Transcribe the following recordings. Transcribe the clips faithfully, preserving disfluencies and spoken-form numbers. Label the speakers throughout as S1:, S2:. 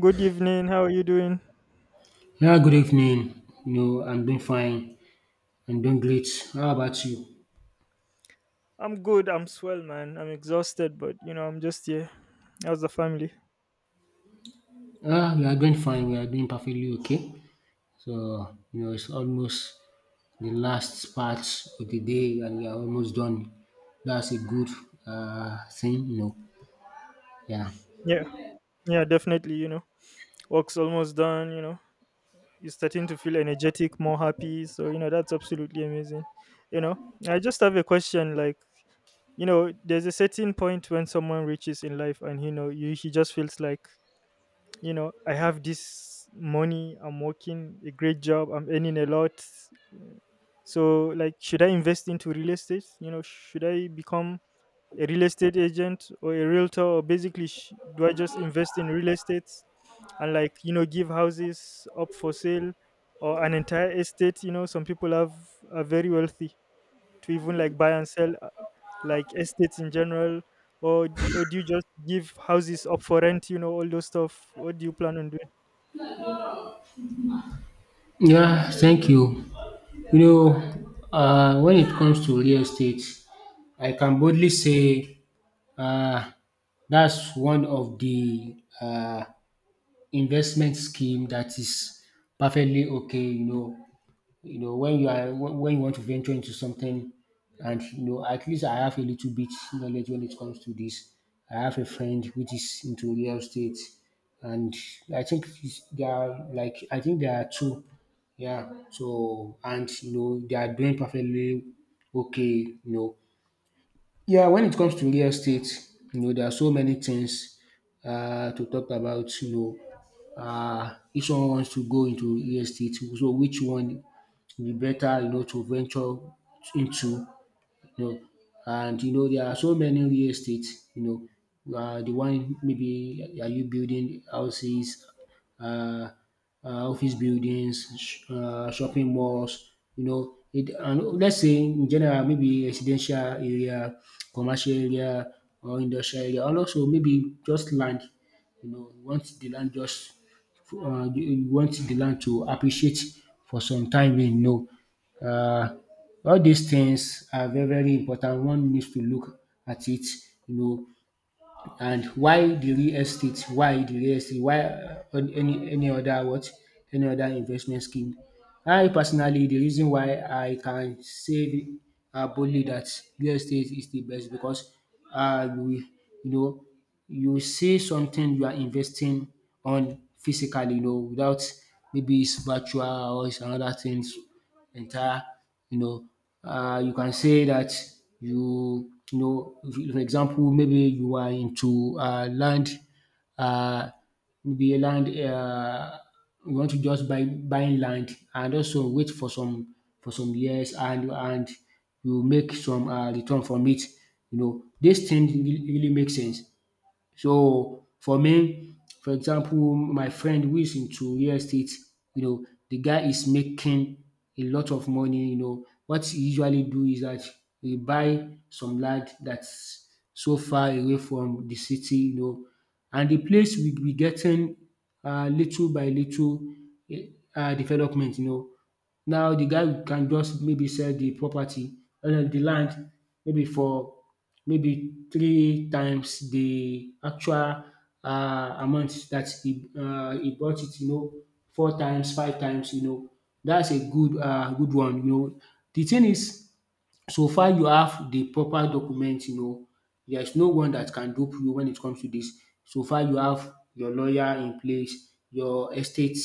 S1: Good evening. How are you doing?
S2: Yeah, good evening. You know, I'm doing fine. I'm doing great. How about you?
S1: I'm good. I'm swell, man. I'm exhausted, but you know, I'm just here. How's the family?
S2: Ah, we are doing fine. We are doing perfectly okay. So, you know, it's almost the last part of the day and we are almost done. That's a good uh, thing, you know. Yeah.
S1: Yeah, yeah, definitely. You know, work's almost done. You know, you're starting to feel energetic, more happy. So you know, that's absolutely amazing. You know, I just have a question. Like, you know, there's a certain point when someone reaches in life, and you know, you he just feels like, you know, I have this money, I'm working a great job, I'm earning a lot. So like, should I invest into real estate? You know, should I become a real estate agent or a realtor, or basically, sh- do I just invest in real estate and, like, you know, give houses up for sale or an entire estate? You know, some people have are very wealthy to even like buy and sell, uh, like, estates in general, or or do you just give houses up for rent? You know, all those stuff. What do you plan on doing?
S2: Yeah, thank you. You know, uh, when it comes to real estate, I can boldly say uh, that's one of the uh, investment scheme that is perfectly okay, you know, you know, when you are when when you want to venture into something and you know, at least I have a little bit knowledge when it comes to this. I have a friend which is into real estate and I think it's- there are like I think there are two. Yeah. So and you know they are doing perfectly okay, you know. Yeah, when it comes to real estate, you know, there are so many things uh, to talk about. You know, uh, if someone wants to go into real estate, so which one will be better, you know, to venture into? You know. And you know there are so many real estates, you know, uh, the one maybe are you building houses, uh, uh, office buildings, sh- uh, shopping malls, you know. It, and let's say in general, maybe residential area, commercial area, or industrial area, and also maybe just land. You know, you want the land just uh, you you want the land to appreciate for some time, you know. Uh, all these things are very very important. One needs to look at it, you know, and why the real estate why the real estate why uh, any any other what any other investment scheme. I personally, the reason why I can say um boldly that real estate is the best, because uh you you know you see something you are investing on physically, you know, without maybe it's virtual or it's another things entire, you know, uh, you can say that you, you know, if- you- for example, maybe you are into uh, land, uh, maybe a land, uh, you want to just buy buying land and also wait for some for some years and and you make some uh, return from it. You know, this thing really really makes sense. So for me, for example, my friend who is into real estate, you know, the guy is making a lot of money, you know. What he usually do is that he buy some land that's so far away from the city, you know, and the place will be getting uh, little by little, eh, uh, development, you know. Now the guy can just maybe sell the property and the land maybe for maybe three times the actual uh amount that he uh he bought it, you know, four times, five times, you know. That's a good uh good one, you know. The thing is, so far you have the proper document, you know, there's no one that can dupe you when it comes to this. So far you have your lawyer in place, your estate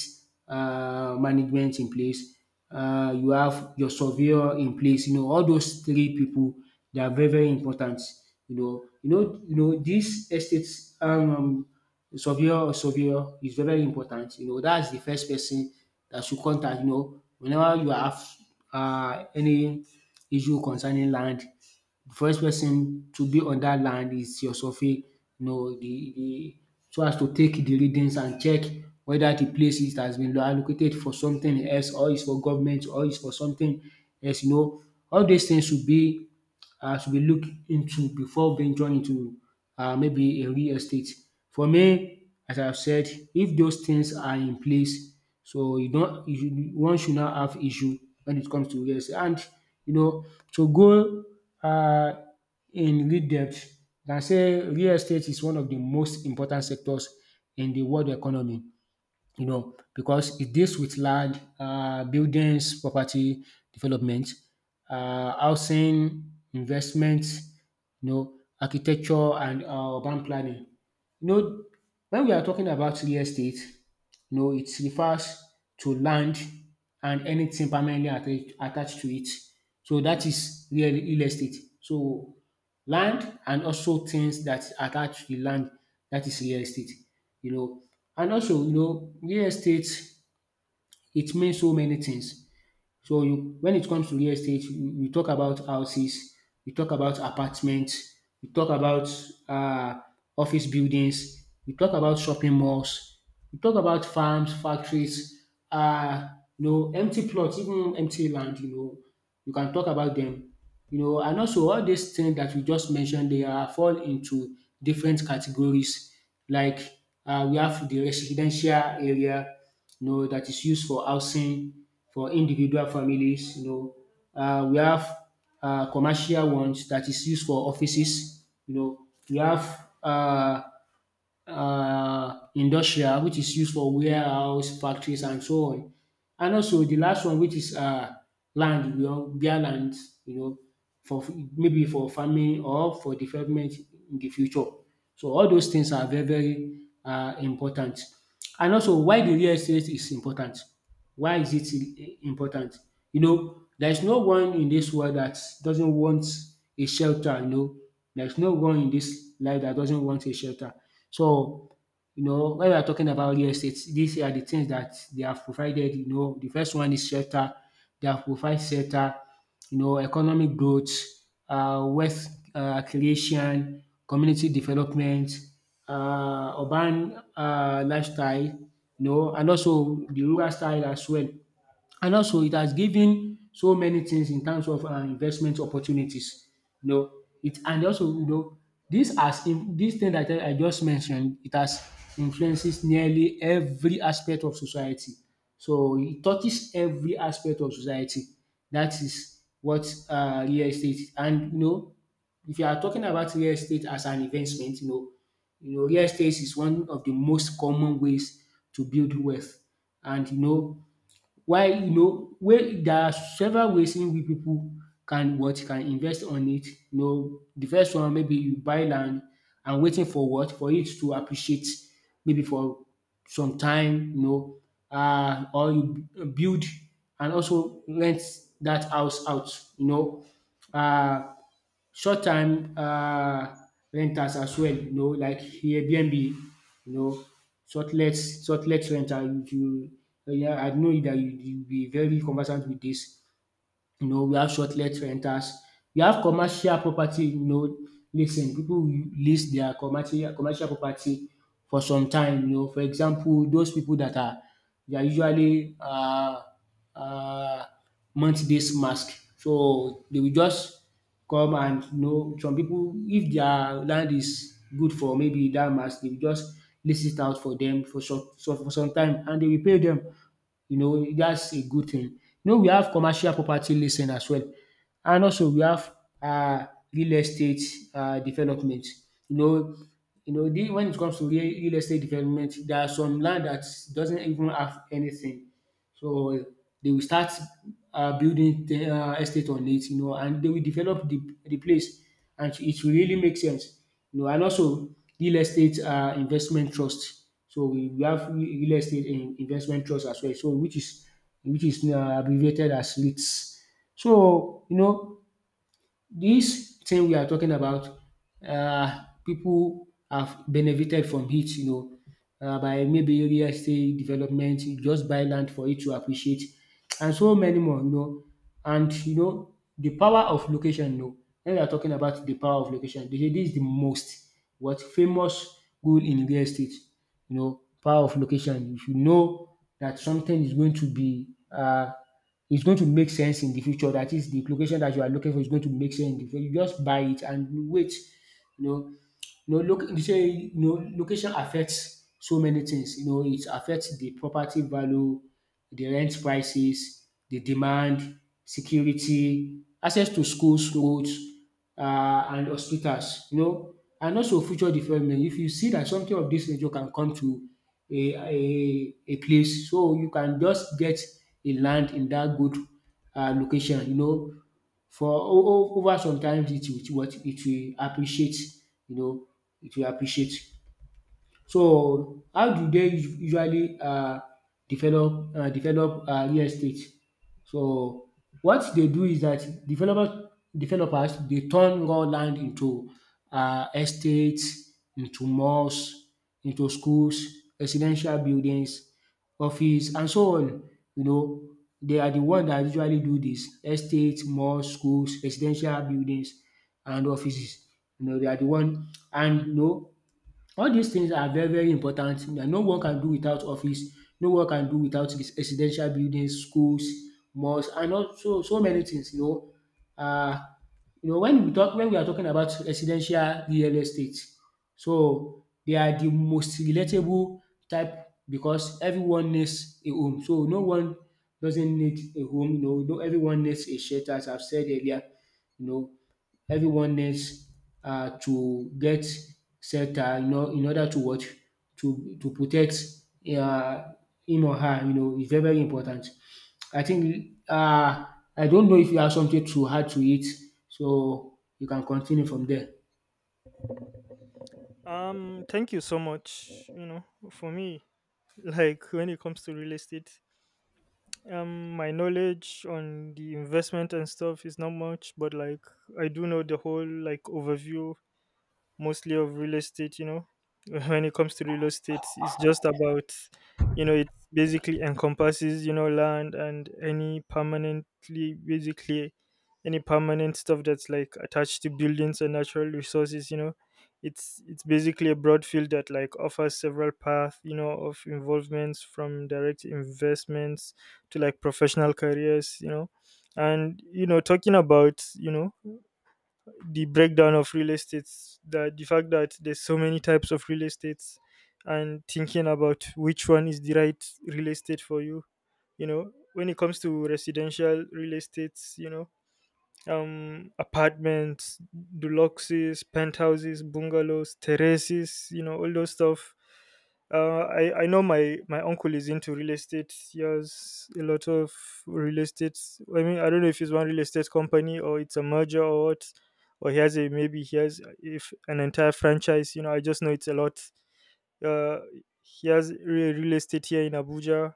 S2: um management in place, um you have your surveyor in place, you know, all those three people. They are very very important. You know you know you know dis estate um surveyor surveyor, is very very important. You know, that's the first person that should contact, you know, whenever you have uh any issue concerning land. The first person to be on that land is your survey, you know, the the so as to take the readings and check whether the place it has been allocated for something else or is for government or is for something else, you know. All these things should be um should be looked into before venturing into um maybe a real estate. For me, as I have said, if those things are in place, so you don't you you- one should not have issue when it comes to real estate. And you know, to go uh, in real depth, na say, real estate is one of the most important sectors in the world economy. You know, because it deals with land, uh buildings, property development, uh housing, investment, you know, architecture and um urban planning. You know, when we are talking about real estate, no, it refers to land and anything permanently atta- attached to it. So that is real real estate. So land and also things that attach to the land, that is real estate. You know, and also you know real estate, it means so many things. So you, when it comes to real estate, we we talk about houses, we talk about apartments, we talk about uh, office buildings, we talk about shopping malls, we talk about farms, factories, uh, you know, empty plots, even empty land. You know, you can talk about them. You know, and also all these things that we just mentioned, they are fall into different categories. Like uh, we have the residential area, you know, that is used for housing for individual families. You know, uh, we have uh, commercial ones that is used for offices. You know, we have uh, uh, industrial, which is used for warehouse, factories, and so on. And also the last one, which is uh, land, you know, bare land, you know, for maybe for farming or for development in the future. So all those things are very, very uh, important. And also, why the real estate is important? Why is it I- important? You know, there is no one in this world that doesn't want a shelter. You know, there's no one in this life that doesn't want a shelter. So, you know, when we are talking about real estate, these are the things that they have provided. You know, the first one is shelter. They have provided shelter, you know, economic growth, uh, wealth uh, creation, community development, uh, urban uh, lifestyle, you know, and also the rural style as well. And also it has given so many things in terms of um investment opportunities. You know, it and also you know this has in this thing that I I just mentioned, it has influences nearly every aspect of society. So it touches every aspect of society. That is what uh real estate is. And you know, if you are talking about real estate as an investment, you know, you know, real estate is one of the most common ways to build wealth. And you know, why you know way there are several ways in which people can what can invest on it. You know the first one, maybe you buy land and waiting for what for it to appreciate maybe for some time, you know, um or you b- build and also rent that house out, you know, um short time, um renters as well, you know, like Airbnb, you know, shortlet shortlet rental. You, you Yeah, I know that you you be very conversant with this, you know, we have short-let rentals, we have commercial property, you know, leasing. Pipu will lease their commercial commercial property for some time, you know. For example, those people that are, they are usually uh uh month-based mask. So they will just come, and you know some people, if their land is good for maybe that mask, they will just list it out for them for some so for some time and they will pay them, you know, that's a good thing. You know, we have commercial property listing as well, and also we have uh real estate uh development. You know, you know, the when it comes to real real estate development, there are some land that doesn't even have anything, so they will start uh, building um estate on it, you know, and they will develop the the place and it will really make sense. You know, and also real estate uh investment trust. So we we have real estate in investment trust as well, so which is which is uh abbreviated as REITs. So you know this thing we are talking about, um pipu have benefited from it, you know, um by maybe real estate development, you just buy land for it to appreciate, and so many more, you know. And you know the power of location, you know, when we are talking about the power of location, dey say this is the most what famous rule in real estate, you know, power of location. If you know that something is going to be uh it's going to make sense in the future. That is, the location that you are looking for is going to make sense in the future. You just buy it and wait. You know, you know, loc you say you know, location affects so many things. You know, it affects the property value, the rent prices, the demand, security, access to schools, roads, uh, and hospitals. You know, and also future development. If you see that something of this nature can come to a, a, a place, so you can just get a land in that good uh, location. You know, for o- o- over sometimes it will what it will appreciate, you know it will appreciate. So how do they us- usually um develop um develop um real estate? So what they do is that developer developers, they turn raw land into um estates, into malls, into schools, residential buildings, office and so on. You know, they are the one that usually do this: estates, malls, schools, residential buildings and offices. You know they are the one, and you know all these things are very very important. No one can do without office, no one can do without res- residential buildings, schools, mosque and also so many things, you know. uh, you know, when we talk when we are talking about residential real estate, so they are the most relatable type because everyone needs a home. So no one doesn't need a home, you know, no, everyone needs a shelter as I've said earlier, you know. Everyone needs uh, to get shelter, you know. In order to what? To to protect uh, him or her. You know, it's very very important. I think, uh, I don't know if you have something to add to it, so you can continue from there.
S1: Um, thank you so much. You know, for me, like, when it comes to real estate, um, my knowledge on the investment and stuff is not much, but like, I do know the whole like overview, mostly, of real estate, you know. When it comes to real estate, it's just about, you know, it basically encompasses, you know, land and any permanently basically any permanent stuff that's like attached to buildings and natural resources, you know. It's it's basically a broad field that like offers several paths, you know, of involvements, from direct investments to like professional careers, you know. And you know, talking about, you know, the breakdown of real estates, the the fact that there's so many types of real estates and thinking about which one is the right real estate for you. You know, when it comes to residential real estates, you know, um apartments, deluxes, penthouses, bungalows, terraces, you know, all those stuff. uh, I, I know my, my uncle is into real estate. He has a lot of real estate. I mean, I don't know if it's one real estate company or it's a merger or what, or he has a maybe he has if an entire franchise. You know, I just know it's a lot. Uh, he has re- real estate here in Abuja.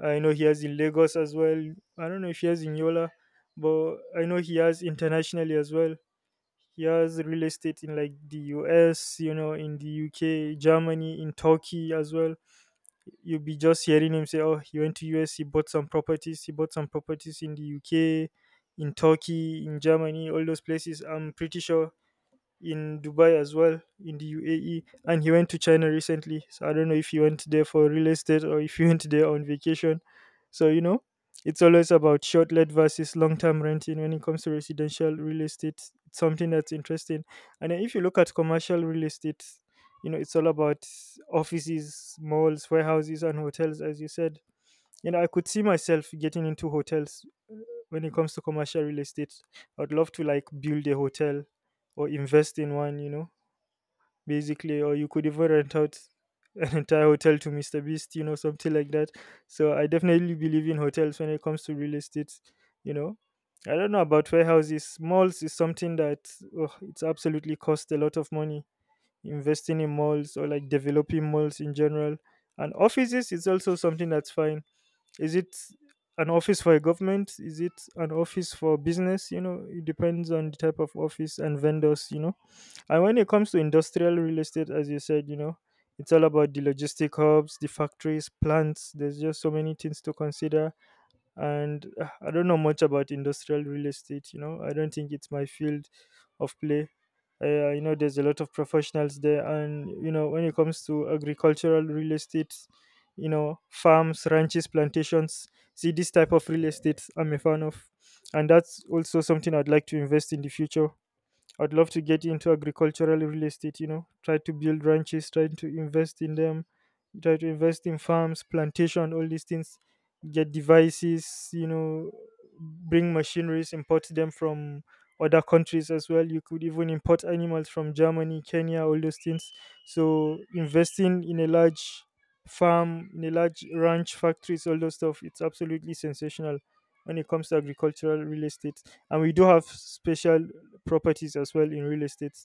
S1: I know he has in Lagos as well. I don't know if he has in Yola, but I know he has internationally as well. He has real estate in like the U S, you know, in the U K, Germany, in Turkey as well. You'll be just hearing him say, "Oh, he went to U S, he bought some properties, he bought some properties in the U K, in Turkey, in Germany, all those places." I'm pretty sure in Dubai as well, in the U A E, and he went to China recently. So I don't know if he went there for real estate or if he went there on vacation. So you know, it's always about short let versus long term renting when it comes to residential real estate. It's something that's interesting. And then if you look at commercial real estate, you know, it's all about offices, malls, warehouses, and hotels, as you said. You know, I could see myself getting into hotels. When it comes to commercial real estate, I'd love to like build a hotel or invest in one, you know, basically. Or you could even rent out an entire hotel to Mr. Beast, you know, something like that. So I definitely believe in hotels when it comes to real estate, you know. I don't know about warehouses. Malls is something that, oh, it's absolutely cost a lot of money investing in malls or like developing malls in general. And offices is also something that's fine. Is it an office for a government? Is it an office for business? You know, it depends on the type of office and vendors, you know. And when it comes to industrial real estate, as you said, you know, it's all about the logistic hubs, the factories, plants. There's just so many things to consider, and uh, I don't know much about industrial real estate. You know, I don't think it's my field of play. Uh, you know, there's a lot of professionals there. And you know, when it comes to agricultural real estate, you know, farms, ranches, plantations, see, this type of real estate I'm a fan of, and that's also something I'd like to invest in the future. I'd love to get into agricultural real estate, you know, try to build ranches, try to invest in them, try to invest in farms, plantation, all these things, get devices, you know, bring machineries, import them from other countries as well. You could even import animals from Germany, Kenya, all those things. So investing in a large farm, in a large ranch, factories, all those stuff, it's absolutely sensational when it comes to agricultural real estate. And we do have special properties as well in real estate.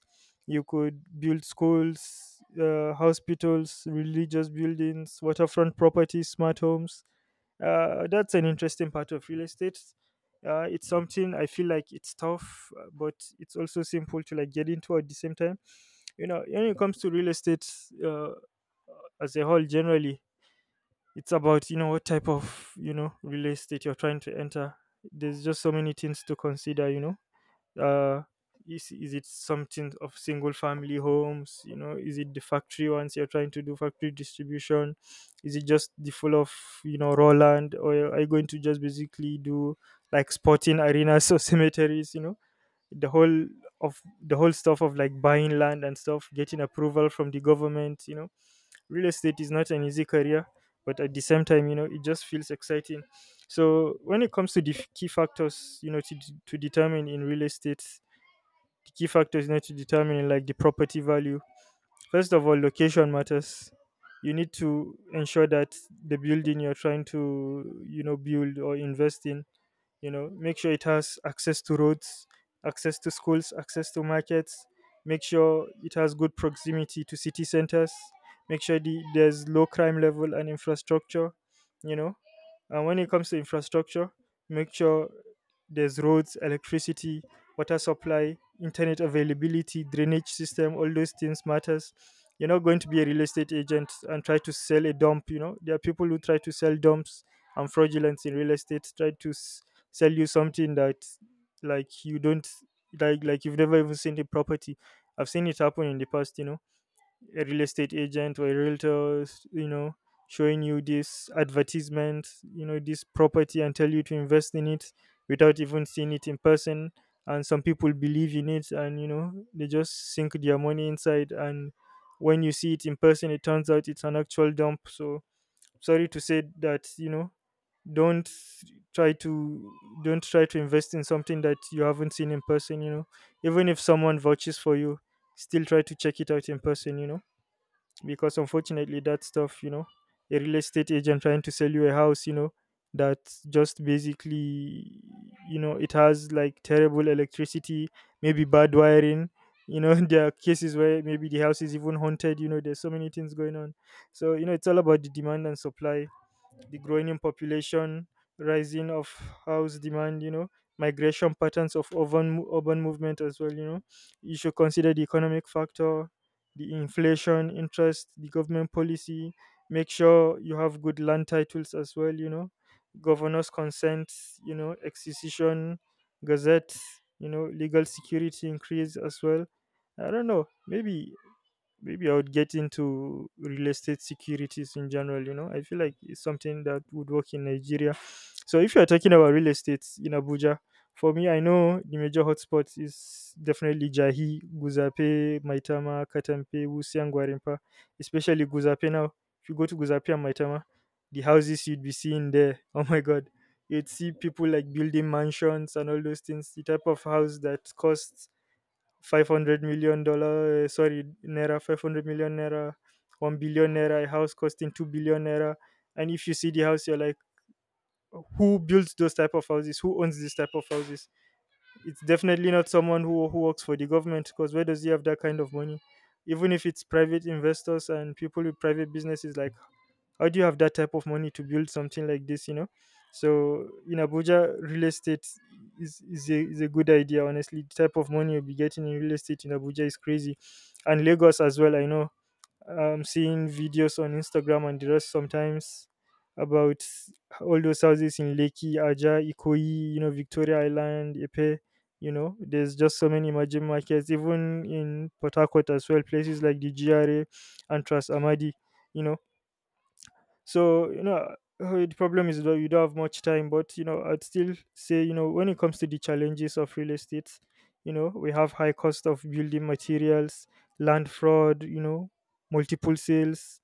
S1: You could build schools, uh, hospitals, religious buildings, waterfront properties, smart homes. Uh, that's an interesting part of real estate. Uh, it's something I feel like it's tough, uh, but it's also simple to like get into at the same time. You know, when it comes to real estate, uh, as a whole, generally, it's about, you know, what type of, you know, real estate you're trying to enter. There's just so many things to consider, you know. uh is, is it something of single family homes? You know, is it the factory ones you're trying to do? Factory distribution? Is it just the full of, you know, raw land? Or are you going to just basically do like sporting arenas or cemeteries? You know, the whole, of the whole stuff of like buying land and stuff, getting approval from the government, you know, real estate is not an easy career, but at the same time, you know, it just feels exciting. So when it comes to the f- key factors, you know, to, d- to determine in real estate, the key factor is, need to determine like the property value. First of all, location matters. You need to ensure that the building you're trying to, you know, build or invest in, you know, make sure it has access to roads, access to schools, access to markets, make sure it has good proximity to city centers, make sure the, there's low crime level and infrastructure, you know. And when it comes to infrastructure, make sure there's roads, electricity, water supply, internet availability, drainage system, all those things matters. You're not going to be a real estate agent and try to sell a dump. You know, there are people who try to sell dumps and fraudulence in real estate, try to s- sell you something that, like you don't like like you've never even seen the property. I've seen it happen in the past, you know, a real estate agent or a realtor, you know, showing you this advertisement, you know, this property, and tell you to invest in it without even seeing it in person. And some people believe in it, and you know, they just sink their money inside, and when you see it in person, it turns out it's an actual dump. So, sorry to say that, you know, don't try to don't try to invest in something that you haven't seen in person, you know. Even if someone vouches for you, still try to check it out in person, you know. Because unfortunately, that stuff, you know, a real estate agent trying to sell you a house, you know, that just basically, you know, it has like terrible electricity, maybe bad wiring, you know. There are cases where maybe the house is even haunted, you know. There's so many things going on. So you know, it's all about the demand and supply, the growing in population, rising of house demand, you know, migration patterns of urban urban movement as well, you know. You should consider the economic factor, the inflation, interest, the government policy. Make sure you have good land titles as well, you know. Governor's consent, you know, excision, gazette, you know, legal security increase as well. I don't know. Maybe maybe I would get into real estate securities in general. You know, I feel like it's something that would work in Nigeria. So if you're talking about real estate in Abuja, for me, I know the major hotspots is definitely Jahi, Guzape, Maitama, Katampe, Wusi, and Gwarimpa, especially Guzape now. If you go to Guzape and Maitama, the houses you'd be seeing there, oh my God, you'd see people like building mansions and all those things, the type of house that costs five hundred million dollar, uh, sorry, naira, five hundred million naira, one billion naira, a house costing two billion naira. And if you see the house, you're like, who builds those type of houses? Who owns this type of houses? It's definitely not someone who who works for the government, because where does he have that kind of money? Even if it's private investors and people with private businesses, like, how do you have that type of money to build something like this? You know, so in Abuja, real estate is is a, is a good idea. Honestly, the type of money you'll be getting in real estate in Abuja is crazy, and Lagos as well. I know, um, seeing videos on Instagram and the rest sometimes, about all those houses in Lekki, Aja, Ikoyi, you know, Victoria Island, Ipe. You know, there's just so many emerging markets, even in Port Harcourt as well, places like the G R A and Trans Amadi. You know, so, you know, uh, the problem is that you don't have much time, but, you know, I'd still say, you know, when it comes to the challenges of real estate, you know, we have high cost of building materials, land fraud, you know, multiple sales,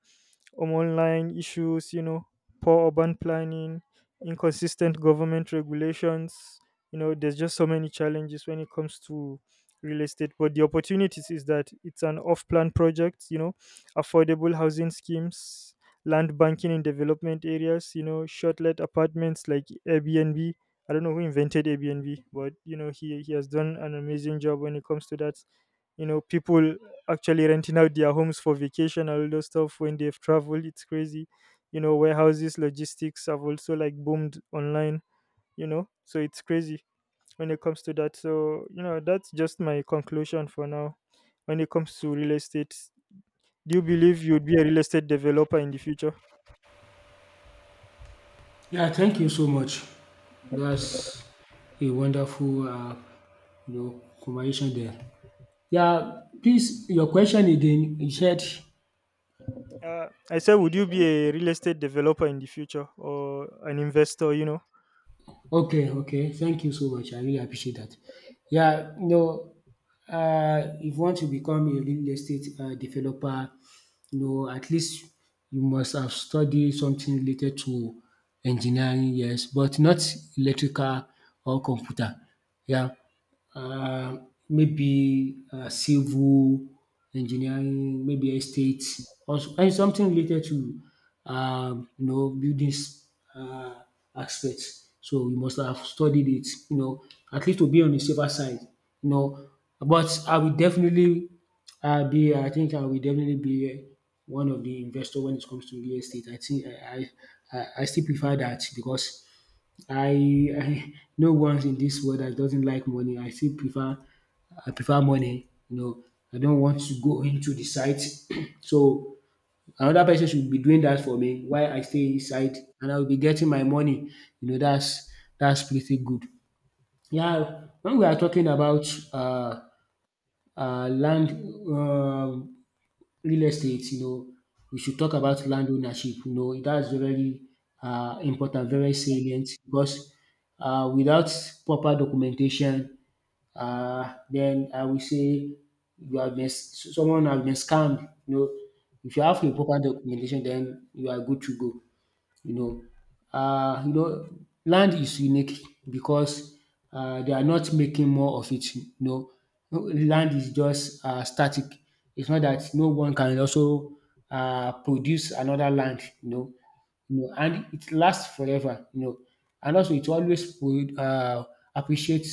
S1: um, online issues, you know, poor urban planning, inconsistent government regulations. You know, there's just so many challenges when it comes to real estate. But the opportunities is that it's an off plan project, you know, affordable housing schemes, land banking in development areas, you know, short-let apartments like Airbnb. I don't know who invented Airbnb, but you know, he, he has done an amazing job when it comes to that. You know, people actually renting out their homes for vacation and all those stuff when they've traveled. It's crazy. You know, warehouses, logistics have also like boomed online, you know. So it's crazy when it comes to that. So, you know, that's just my conclusion for now. When it comes to real estate, do you believe you'd be a real estate developer in the future?
S2: Yeah, thank you so much. That's a wonderful uh, you know, conversation there. Yeah, please, your question again. You said.
S1: Uh, I said, would you be a real estate developer in the future or an investor? You know.
S2: Okay, okay. Thank you so much. I really appreciate that. Yeah, you know, uh, if you want to become a real estate uh, developer, you know, at least you must have studied something related to engineering, yes, but not electrical or computer. Yeah, uh, maybe uh, civil engineering, maybe estate, or so- and something related to um, you know, buildings uh, aspects. So you must have studied it, you know, at least to be on the safer side, you know. But I will definitely uh, be, I think I will definitely be one of the investor when it comes to real estate. I think I I, I I still prefer that because I I no one's in this world that doesn't like money. I still prefer, I prefer money. You know, I don't want to go into the site. So another person should be doing that for me while I stay inside and I will be getting my money. You know, that's that's pretty good. Yeah, when we are talking about uh, uh, land um real estate, you know, we should talk about land ownership. You know, that's very uh, important, very salient because, uh, without proper documentation, uh, then I will say you have been s- someone has been scammed. You know, if you have a proper documentation, then you are good to go, you know. Uh, you know, land is unique because, uh, they are not making more of it, you know. No, land is just uh static. It's not that. No one can also uh produce another land, you know. You know, and it lasts forever, you know. And also it always would uh appreciate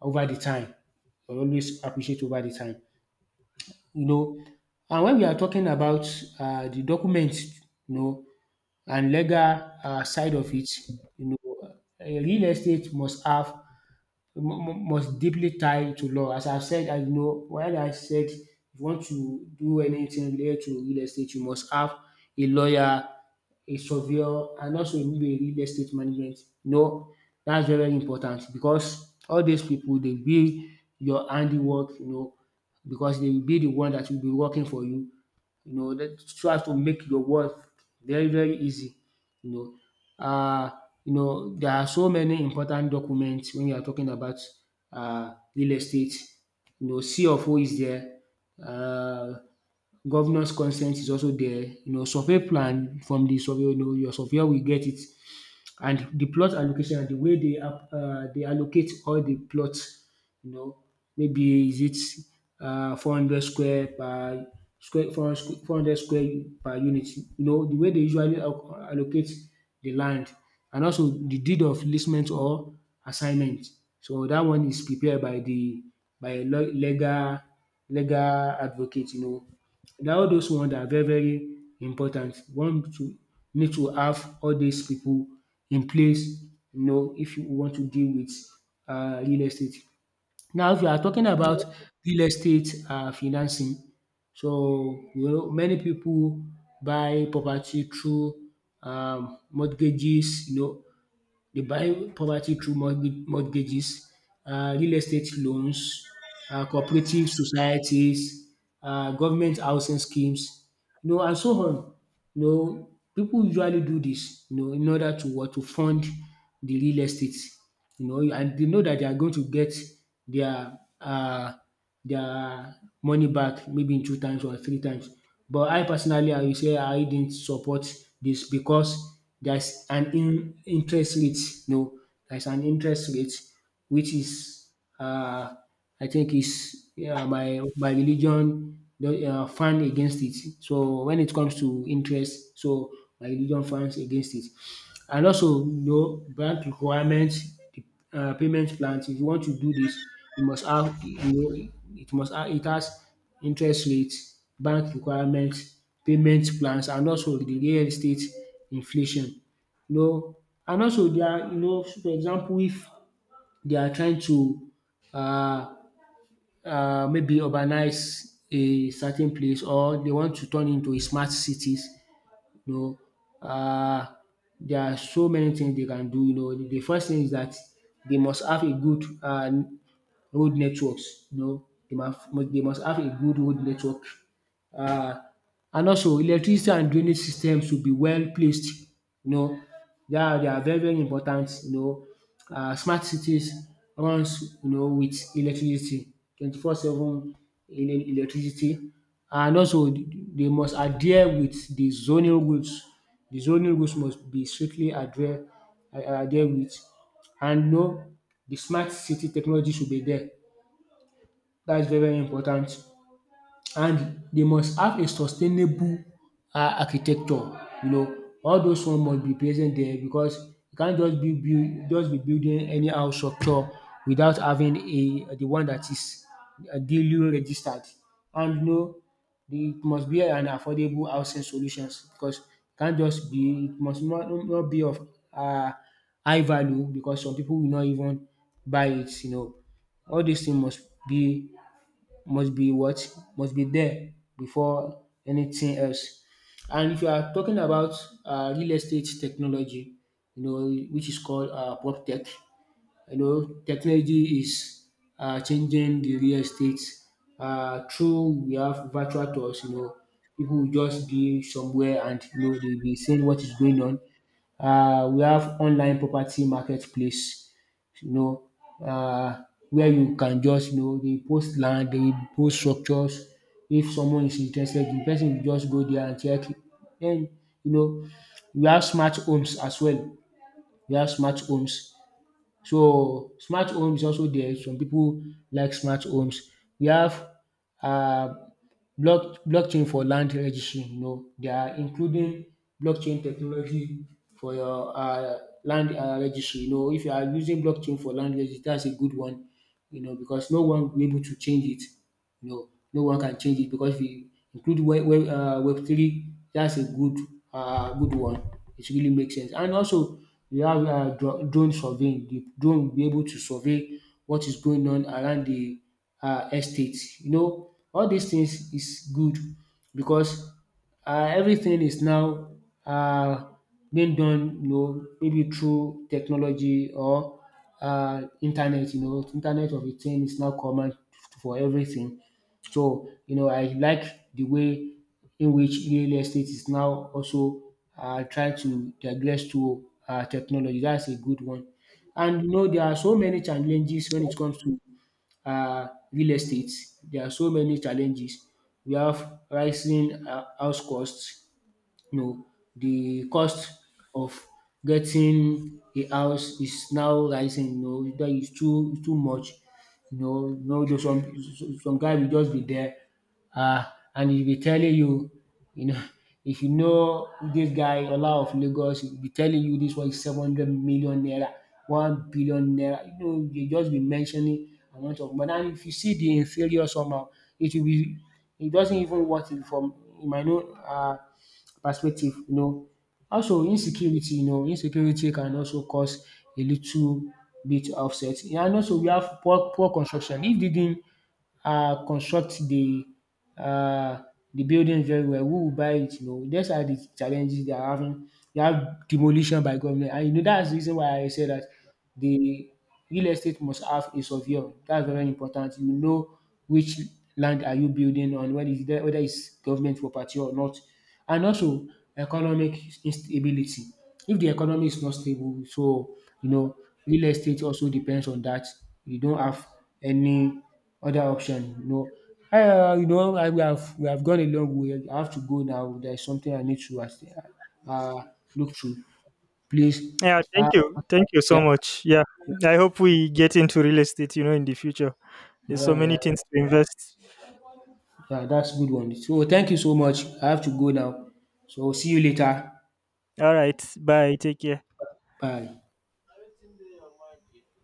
S2: over the time. It always appreciate over the time, you know. And when we are talking about uh the document, you know, and legal um side of it, you know, a real estate must have mu mu must deeply tie to law. As I said, I know when I said, if you want to do anything related to real estate, you must have a lawyer, a surveyor and also maybe a real estate management. You know, that's very very important because all these people they be your handiwork, you know, because they will be the one that will be working for you, you know, that try to make your worth very, very easy, you know. Uh, you know, there are so many important documents when you are talking about uh, real estate. You know, C of O is there, uh, governor's consent is also there, you know, survey plan from the survey, you know, your surveyor will get it, and the plot allocation and the way they ap- uh, they allocate all the plots, you know, maybe is it uh, four hundred square per square four hundred squ- four hundred square per unit, you know, the way they usually al- allocate the land, and also the deed of leasement or assignment. So that one is prepared by the by a le- legal legal advocate, you know. Na all those one are very very important. One to need to have all these people in place, you know, if you want to deal with uh real estate. Now, if you are talking about real estate uh financing, so you know, many people buy property through um mortgages, you know. They buy property through mortga- mortgages, uh, real estate loans, uh, cooperative societies, uh, government housing schemes, you know, and so on. You know, people usually do this, you know, in order to what? To fund the real estate, you know, and they know that they are going to get their, uh, their money back maybe in two times or three times. But I personally, I will say, I didn't support this because there's an in interest rate, no, there's an interest rate which is, uh, I think is, uh, my my religion uh, fan against it. So when it comes to interest, so my religion fans against it. And also, you know, bank requirements, the uh, payment plans. If you want to do this, you must have, you know, it must have, it has interest rates, bank requirements, payment plans, and also the real estate inflation. You know, and also they are, you know, so for example, if they are trying to uh, uh, maybe urbanize a certain place or they want to turn into a smart cities, you know, um there are so many things they can do, you know. The first thing is that they must have a good um road networks, you know, they must they must have a good road network. um And also electricity and drainage systems should be well placed, you know. They are they are very very important, you know. um Smart cities runs, you know, with electricity, twenty four seven electricity, and also they must adhere with the zoning rules. The zoning rules must be strictly adhere adhere with, and no, the smart city technology should be there. That's very, very important. And they must have a sustainable um architecture. You know, all those one must be present there because you can't just build build just be building anyhow structure without having a the one that is, uh, duly registered. And you know, the- it must be an affordable housing solutions because it can't just be, it must not not be of um high value because some pipu will not even buy it, you know. All dis thing must be, must be what? Must be there before anything else. And if you are talking about uh, real estate technology, you know, which is called, uh, prop tech, you know, technology is, uh, changing the real estate. Uh, through We have virtual tours, you know. People will just be somewhere and you know they'll be seeing what is going on. Uh, we have online property marketplace, you know, um where you can just, you know, dey post land, dey post structures. If someone is interested, the person will just go there and check. Den, you know, we have smart homes as well. We have smart homes So smart home is also there. Some people like smart homes. We have, uh, block blockchain for land registry. You know, they are including blockchain technology for your uh land um registry. You know, if you are using blockchain for land registry, that's a good one. You know, because no one will be able to change it. No, no one can change it because if you include web web uh, web three, that's a good, uh, good one. It really makes sense. And also we have um dro- drone surveying. The drone will be able to survey what is going on around the, uh, estate. You know, all these things is good because, uh, everything is now, uh, being done, you know, maybe through technology or, uh, internet, you know. Internet of a thing is now common for everything. So, you know, I like the way in which real estate is now also, uh, trying to digress to, uh, technology. That's a good one. And you know, there are so many challenges when it comes to, uh, real estate. There are so many challenges. We have rising, uh, house costs, you know, the cost of getting a house is now rising, you know, that is too too much. You know, you know, there's some, some guy will just be there, uh, and he'll be telling you, you know, if you know this guy, Ola of Lagos, he'll be telling you this one is seven hundred million naira, one billion naira. You know, they just be mentioning amount of. But then if you see the inferior somehow, it will be, it doesn't even worth it from, you might know, uh, perspective, you know. Also insecurity, you know, insecurity can also cause a little bit of set. And also we have poor poor construction. If they didn't uh construct the, uh the building very well, who will buy it, you know? These are the challenges they are having. You have demolition by government, and you know that's the reason why I say that the real estate must have a surveyor. That's very important. You know, which land are you building on, whether it's there, whether it's government property or not. And also economic instability. If the economy is not stable, so you know, real estate also depends on that. You don't have any other option. You know, uh, you know, I, we have, we have gone a long way. I have to go now. There is something I need to, uh, uh, look through. Please,
S1: Yeah.
S2: uh,
S1: Thank you. Thank you
S2: yeah.
S1: so much. Yeah. I hope we get into real estate. You know, in the future. There's
S2: Yeah,
S1: so
S2: yeah,
S1: many
S2: yeah.
S1: things to invest.
S2: Yeah, that's a good one. So thank you so much. I have to go now. So see you later.
S1: All right. Bye. Take care.
S2: Bye.